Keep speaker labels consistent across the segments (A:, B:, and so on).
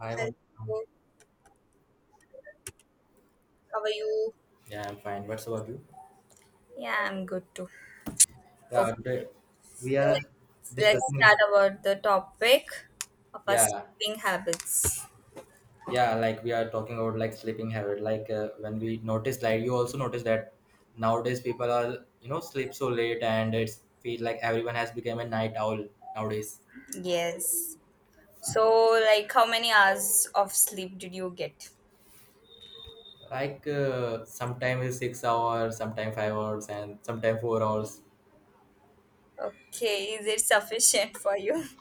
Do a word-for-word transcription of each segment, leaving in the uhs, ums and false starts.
A: Hi, Mon-
B: Hello, how are you?
A: yeah, I'm fine. What's about you?
B: Yeah, I'm good too.
A: Yeah,
B: Okay,
A: today, we are
B: let's, let's
A: discussing
B: start about the topic of our
A: yeah,
B: sleeping habits.
A: yeah. Like we are talking about like sleeping habit. Like uh, when we notice, like you also notice that nowadays people are you know sleep so late, and it's feel like everyone has become a night owl nowadays.
B: Yes. So, like, how many hours of sleep did you get?
A: Like uh, sometimes it's six hours, sometimes five hours, and sometimes four hours.
B: Okay, is it sufficient for you?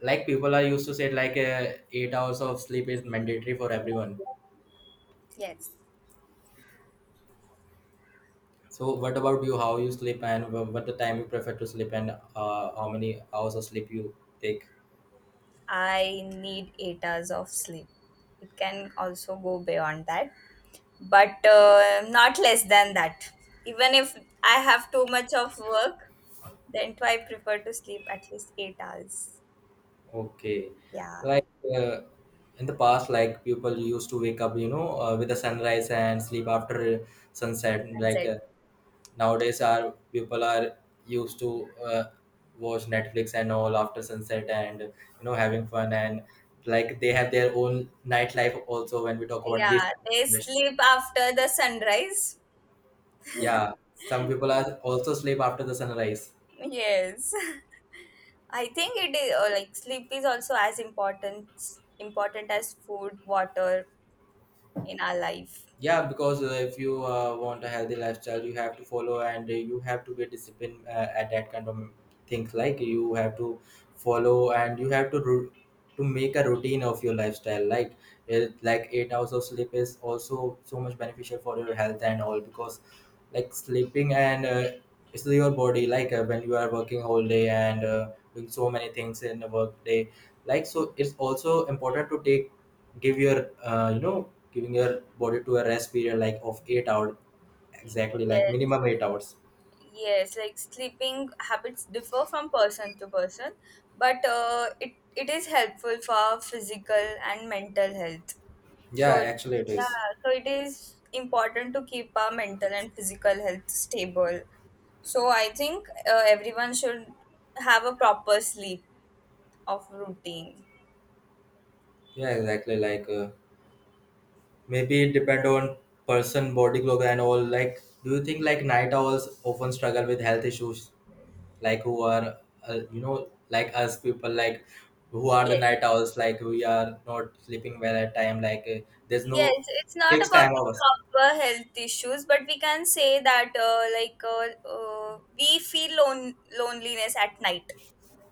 A: Like people are used to say like uh, eight hours of sleep is mandatory for everyone.
B: Yes.
A: So what about you? How you sleep and wh- what the time you prefer to sleep and uh, how many hours of sleep you take?
B: I need eight hours of sleep. It can also go beyond that, but uh, not less than that. Even if I have too much of work, then too, I prefer to sleep at least eight hours.
A: Okay,
B: Yeah,
A: like uh, in the past, like people used to wake up, you know, uh, with the sunrise and sleep after sunset.
B: that's
A: Like
B: it.
A: uh, nowadays, our people are used to uh, watch Netflix and all after sunset and you know having fun and like they have their own nightlife also. When we talk about this
B: Yeah,
A: kind of
B: they
A: situation,
B: sleep after the sunrise.
A: yeah, some people are also sleep after the sunrise.
B: Yes. I think it is or like sleep is also as important important as food, water in our life.
A: Yeah, because uh, if you uh, want a healthy lifestyle you have to follow and uh, you have to be disciplined uh, at that kind of things like you have to follow and you have to ru- to make a routine of your lifestyle like it, like eight hours of sleep is also so much beneficial for your health and all because like sleeping and uh, it's your body like uh, when you are working whole day and uh, doing so many things in the work day like so it's also important to take give your uh, you know giving your body to a rest period like of eight hours, exactly, like
B: Yes,
A: minimum eight hours.
B: yes, like sleeping habits differ from person to person, but uh, it it is helpful for physical and mental health.
A: Yeah,
B: So it,
A: actually it is.
B: yeah, so it is important to keep our mental and physical health stable. So I think uh, everyone should have a proper sleep of routine.
A: Yeah, exactly. Like uh, maybe it depend on person body clock and all. Like, do you think like night owls often struggle with health issues? Like who are uh, you know like us people, like who are the
B: Yes.
A: night owls, like we are not sleeping well at time, like uh, there's no
B: Yes, it's not
A: fixed
B: about
A: time
B: the
A: hours.
B: proper health issues, but we can say that uh, like uh, uh, we feel lon loneliness at night.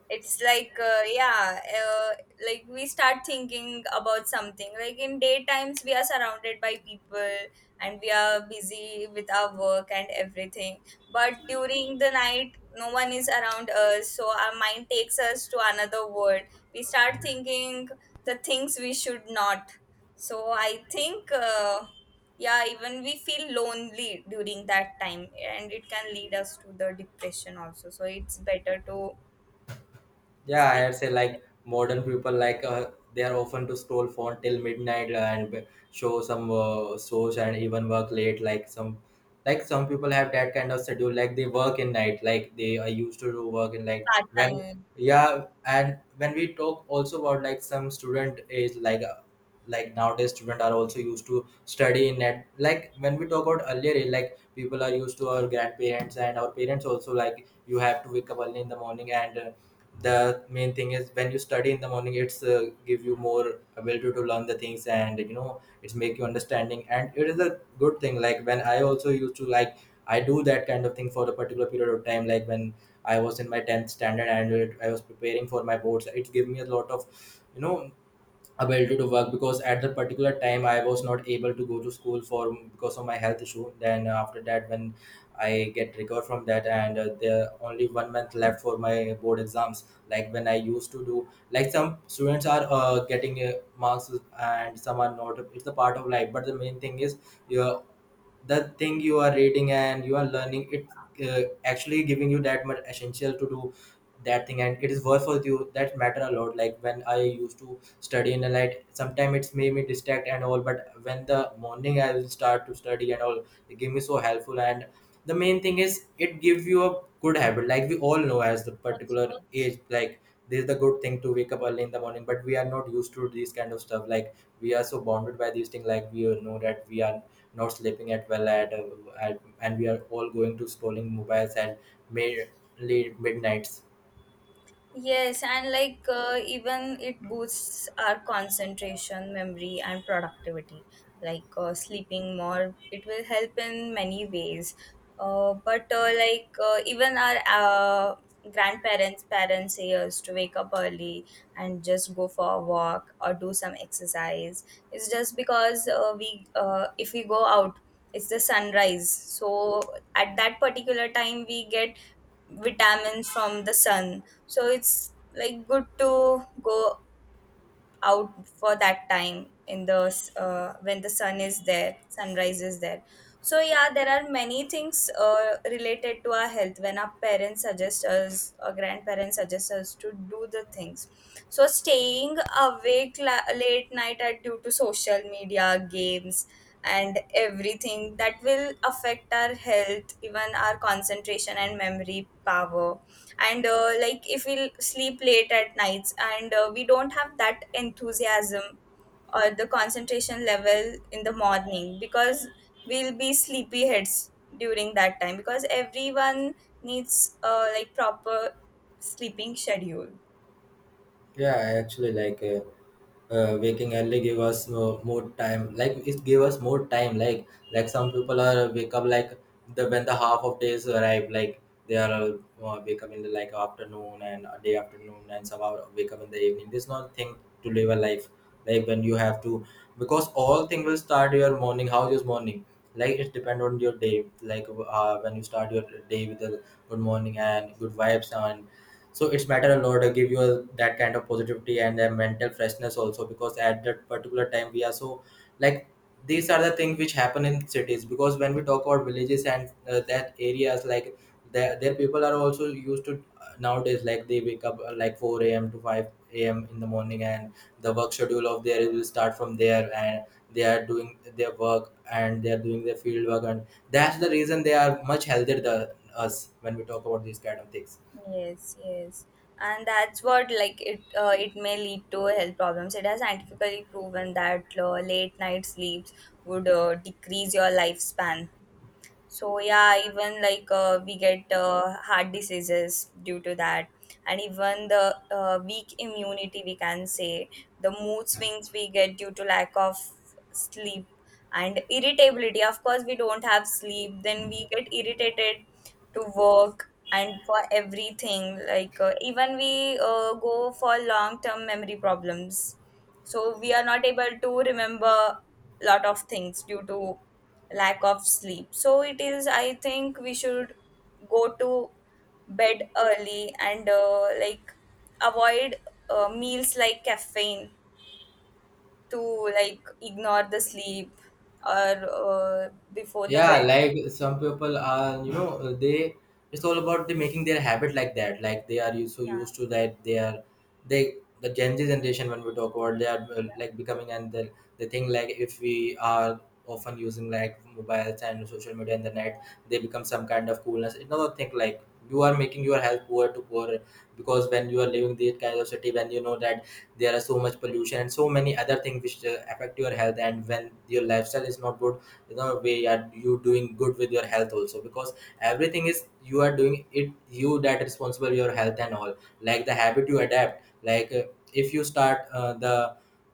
B: It's like uh, yeah uh, like we start thinking about something, like in daytimes we are surrounded by people and we are busy with our work and everything, but during the night no one is around us, so our mind takes us to another world. We start thinking the things we should not. So I think uh, yeah, even we feel lonely during that time, and it can lead us to the depression also, so it's better to
A: Yeah, I
B: sleep
A: had say like modern people like uh, they are often to scroll phone till midnight and b- show some uh, shows and even work late. Like some, like some people have that kind of schedule. Like they work in night. Like they are used to do work in night.
B: part
A: When
B: time. Yeah.
A: Yeah, and when we talk also about like some student age, like like nowadays students are also used to study in net. Like when we talk about earlier eh, like people are used to our grandparents and our parents also like you have to wake up early in the morning and uh, the main thing is when you study in the morning it's uh, give you more ability to learn the things and you know it's make you understanding and it is a good thing. Like when I also used to like I do that kind of thing for a particular period of time, like when I was in my tenth standard and it, I was preparing for my boards, it gave me a lot of you know ability to work because at that particular time I was not able to go to school for because of my health issue. Then uh, after that when I get recovered from that and uh, there only one month left for my board exams, like when I used to do, like some students are uh, getting uh, marks and some are not. It's a part of life, but the main thing is, yeah, the thing you are reading and you are learning it uh, actually giving you that much essential to do that thing and it is worth for you, that matter a lot. Like when I used to study in the light sometimes it's made me distract and all, but when the morning I will start to study and all it gave me so helpful. And the main thing is it gives you a good habit, like we all know as the
B: What's
A: particular
B: what's
A: age like this is the good thing to wake up early in the morning, but we are not used to these kind of stuff, like we are so bounded by these things. Like we know that we are not sleeping at well at, uh, at, and we are all going to scrolling mobiles at mainly midnights.
B: yes, and like uh, even it boosts our concentration, memory, and productivity. Like uh, sleeping more, it will help in many ways. Uh, but uh, like uh, even our uh, grandparents, parents say us to wake up early and just go for a walk or do some exercise. It's just because uh, we, uh, if we go out, it's the sunrise. So at that particular time, we get vitamins from the sun, so it's like good to go out for that time in the uh, when the sun is there, sunrise is there. So yeah, there are many things uh, related to our health when our parents suggest us or grandparents suggest us to do the things. So staying awake la- late night are due to social media games and everything, that will affect our health, even our concentration and memory power. And uh, like if we sleep late at nights and uh, we don't have that enthusiasm or the concentration level in the morning, because we'll be sleepy heads during that time, because everyone needs uh, like proper sleeping schedule.
A: Yeah, I actually like uh, uh, waking early give us more, more time. Like it gave us more time. Like like some people are wake up like the when the half of days arrive. Like they are uh, uh, Wake up in the like afternoon and uh, day afternoon, and some are wake up in the evening. This is not thing to live a life. Like when you have to, because all thing will start your morning. How is your morning? Like it depend on your day. Like uh, when you start your day with a good morning and good vibes, and so it's matter a lot uh, give you a, that kind of positivity and a mental freshness also, because at that particular time we are so like these are the things which happen in cities. Because when we talk about villages and uh, that areas, like their, their people are also used to uh, nowadays like they wake up uh, like four a.m to five a.m in the morning and the work schedule of their will start from there, and they are doing their work and they are doing their field work, and that's the reason they are much healthier than us when we talk about these kind of things.
B: Yes, yes, and that's what, like it uh, it may lead to health problems. It has scientifically proven that uh, late night sleeps would uh, decrease your lifespan. So yeah, even like uh, we get uh, heart diseases due to that, and even the uh, weak immunity, we can say the mood swings we get due to lack of sleep and irritability. Of course, we don't have sleep, then we get irritated to work and for everything. Like uh, even we uh, go for long term memory problems, so we are not able to remember lot of things due to lack of sleep. So it is, I think we should go to bed early and uh, like avoid uh, meals like caffeine to like ignore the sleep or uh, before the
A: Yeah,
B: bed.
A: like some people are you know uh, they it's all about the making their habit like that, like they are used, so
B: Yeah.
A: used to that they are they the gen z generation. When we talk about, they are uh, like becoming and the, the thing, like if we are often using like mobiles and social media and the net, they become some kind of coolness, another thing. Like you are making your health poor to poor, because when you are living this kind of city when you know that there are so much pollution and so many other things which uh, affect your health, and when your lifestyle is not good, you know way are you doing good with your health also, because everything is you are doing it, you that responsible your health and all, like the habit you adapt. Like uh, if you start uh, the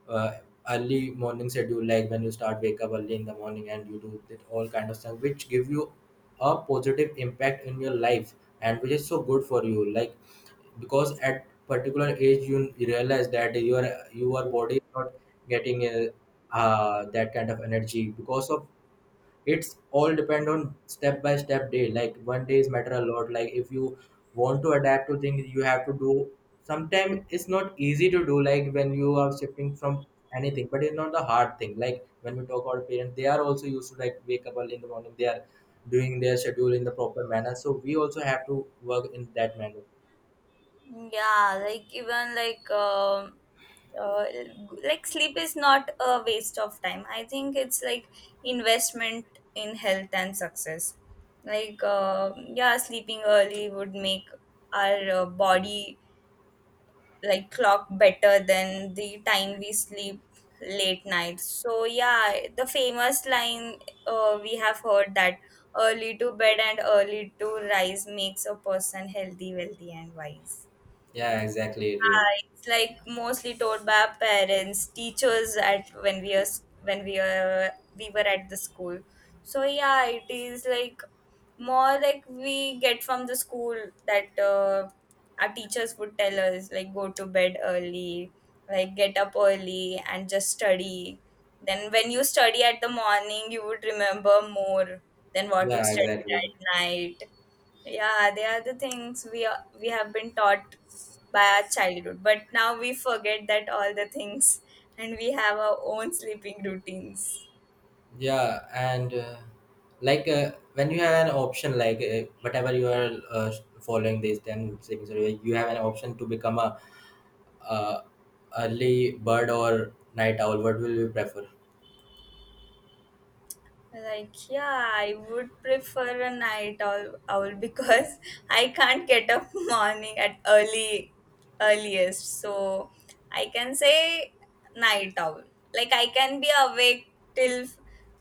A: uh, early morning schedule, like when you start wake up early in the morning and you do that all kind of stuff which give you a positive impact in your life and which is so good for you like because at particular age you realize that your your body is not getting uh, uh, that kind of energy because of it's all depend on step by step day, like one day is matter a lot, like if you want to adapt to things you have to do, sometimes it's not easy to do, like when you are shifting from anything, but it's not the hard thing. Like when we talk about parents they are also used to like wake up early in the morning, they are doing their schedule in the proper manner, so we also have to work in that manner.
B: Yeah, like even like um uh, like sleep is not a waste of time. I think it's like investment in health and success. Like uh, yeah, sleeping early would make our uh, body like clock better than the time we sleep late nights. So yeah, the famous line uh, we have heard that early to bed and early to rise makes a person healthy, wealthy, and wise.
A: Yeah, exactly. It will.
B: Yeah, it's like mostly taught by our parents, teachers at when we are s- when we are we were at the school. So yeah, it is like more like we get from the school that uh, our teachers would tell us like go to bed early, like get up early and just study. Then when you study at the morning, you would remember more than what you
A: Yeah,
B: studied
A: exactly.
B: at night. Yeah, they are the things we are, we have been taught by our childhood, but now we forget that all the things, and we have our own sleeping routines.
A: Yeah, and uh, like uh, when you have an option, like uh, whatever you are uh, following this, then savings rule, you have an option to become a uh, early bird or night owl. What will you prefer?
B: Like, yeah, I would prefer a night owl, owl because I can't get up morning at early earliest. So I can say night owl. Like I can be awake till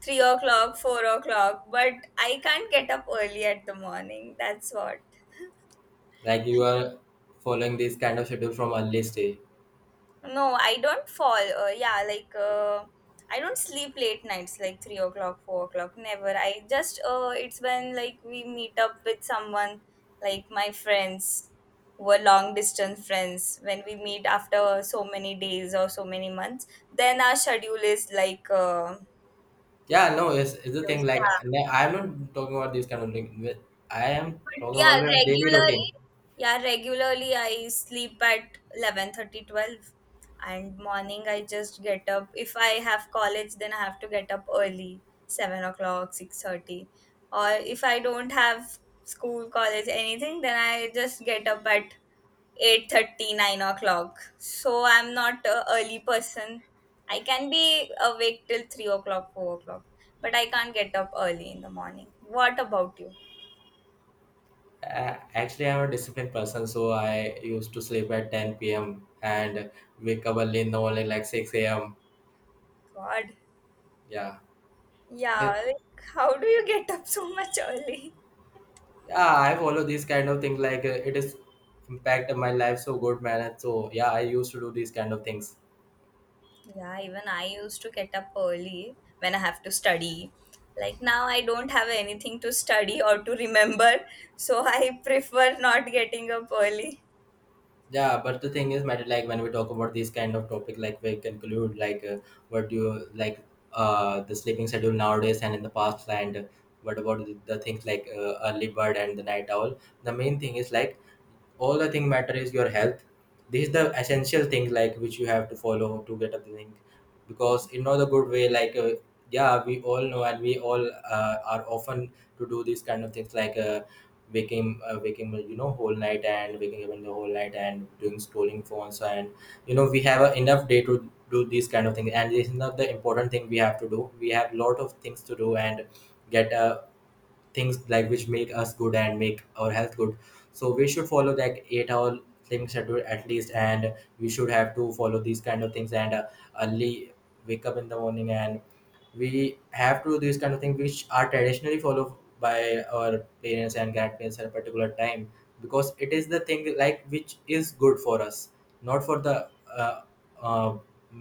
B: three o'clock, four o'clock, but I can't get up early at the morning. That's what.
A: Like you are following this kind of schedule from early stage.
B: No, I don't fall. Uh, yeah, like uh, I don't sleep late nights, like three o'clock, four o'clock. Never. I just uh, it's when like we meet up with someone, like my friends, were long distance friends. When we meet after so many days or so many months, then our schedule is like uh,
A: Yeah, no, it's, it's the thing. Like
B: yeah.
A: n- I'm not talking about this kind of thing. I am talking
B: Yeah,
A: about a daily
B: regularly.
A: routine.
B: Yeah, regularly I sleep at eleven thirty, twelve, and morning I just get up. If I have college, then I have to get up early, seven o'clock, six thirty. Or if I don't have school, college, anything, then I just get up at eight thirty, nine o'clock. So I'm not a early person. I can be awake till three o'clock, four o'clock. But I can't get up early in the morning. What about you?
A: Uh, actually, I'm a disciplined person, so I used to sleep at ten p m and wake up early in the morning, like six a m.
B: God.
A: Yeah, Then-
B: Yeah, like how do you get up so much early?
A: yeah, I follow these kind of things. Like uh, it is impact on my life so good, man. And so yeah, I used to do these kind of things.
B: Yeah, even I used to get up early when I have to study. Like now I don't have anything to study or to remember, so I prefer not getting up early.
A: Yeah, but the thing is matter like when we talk about these kind of topic like we conclude like uh, what do you like uh the sleeping schedule nowadays and in the past, and what about the, the things like uh, early bird and the night owl. The main thing is like all the thing matter is your health. This is the essential thing like which you have to follow to get up the thing, because in not a good way like uh, yeah we all know and we all uh, are often to do these kind of things like uh, waking uh, waking you know whole night and waking up in the whole night and doing scrolling phones, and you know we have uh, enough day to do these kind of things, and this is not the important thing we have to do. We have lot of things to do and get uh, things like which make us good and make our health good. So we should follow that eight hour sleeping schedule at least, and we should have to follow these kind of things and uh, early wake up in the morning, and we have to do these kind of things which are traditionally followed by our parents and grandparents at a particular time, because it is the thing like which is good for us, not for the uh, uh,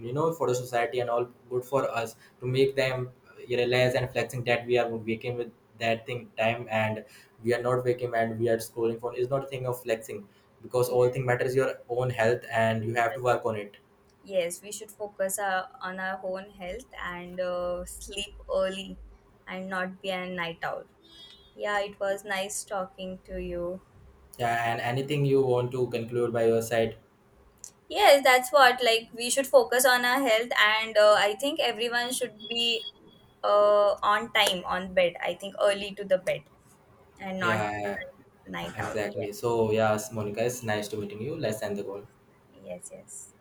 A: you know for the society and all, good for us to make them realize and flexing that we are waking with that thing time and we are not waking and we are scrolling phone is not a thing of flexing, because all
B: Yeah.
A: thing matters your own health and you have to work on it.
B: Yes, we should focus uh, on our own health and uh, sleep early and not be a night owl. Yeah, it was nice talking to you.
A: Yeah, and anything you want to conclude by your side?
B: Yes, that's what. Like, we should focus on our health, and uh, I think everyone should be uh, on time on bed. I think early to the bed and not
A: Yeah.
B: night owl. Yeah.
A: Exactly. So, yes, Monica, it's nice to meeting you. Let's end the call.
B: Yes, yes.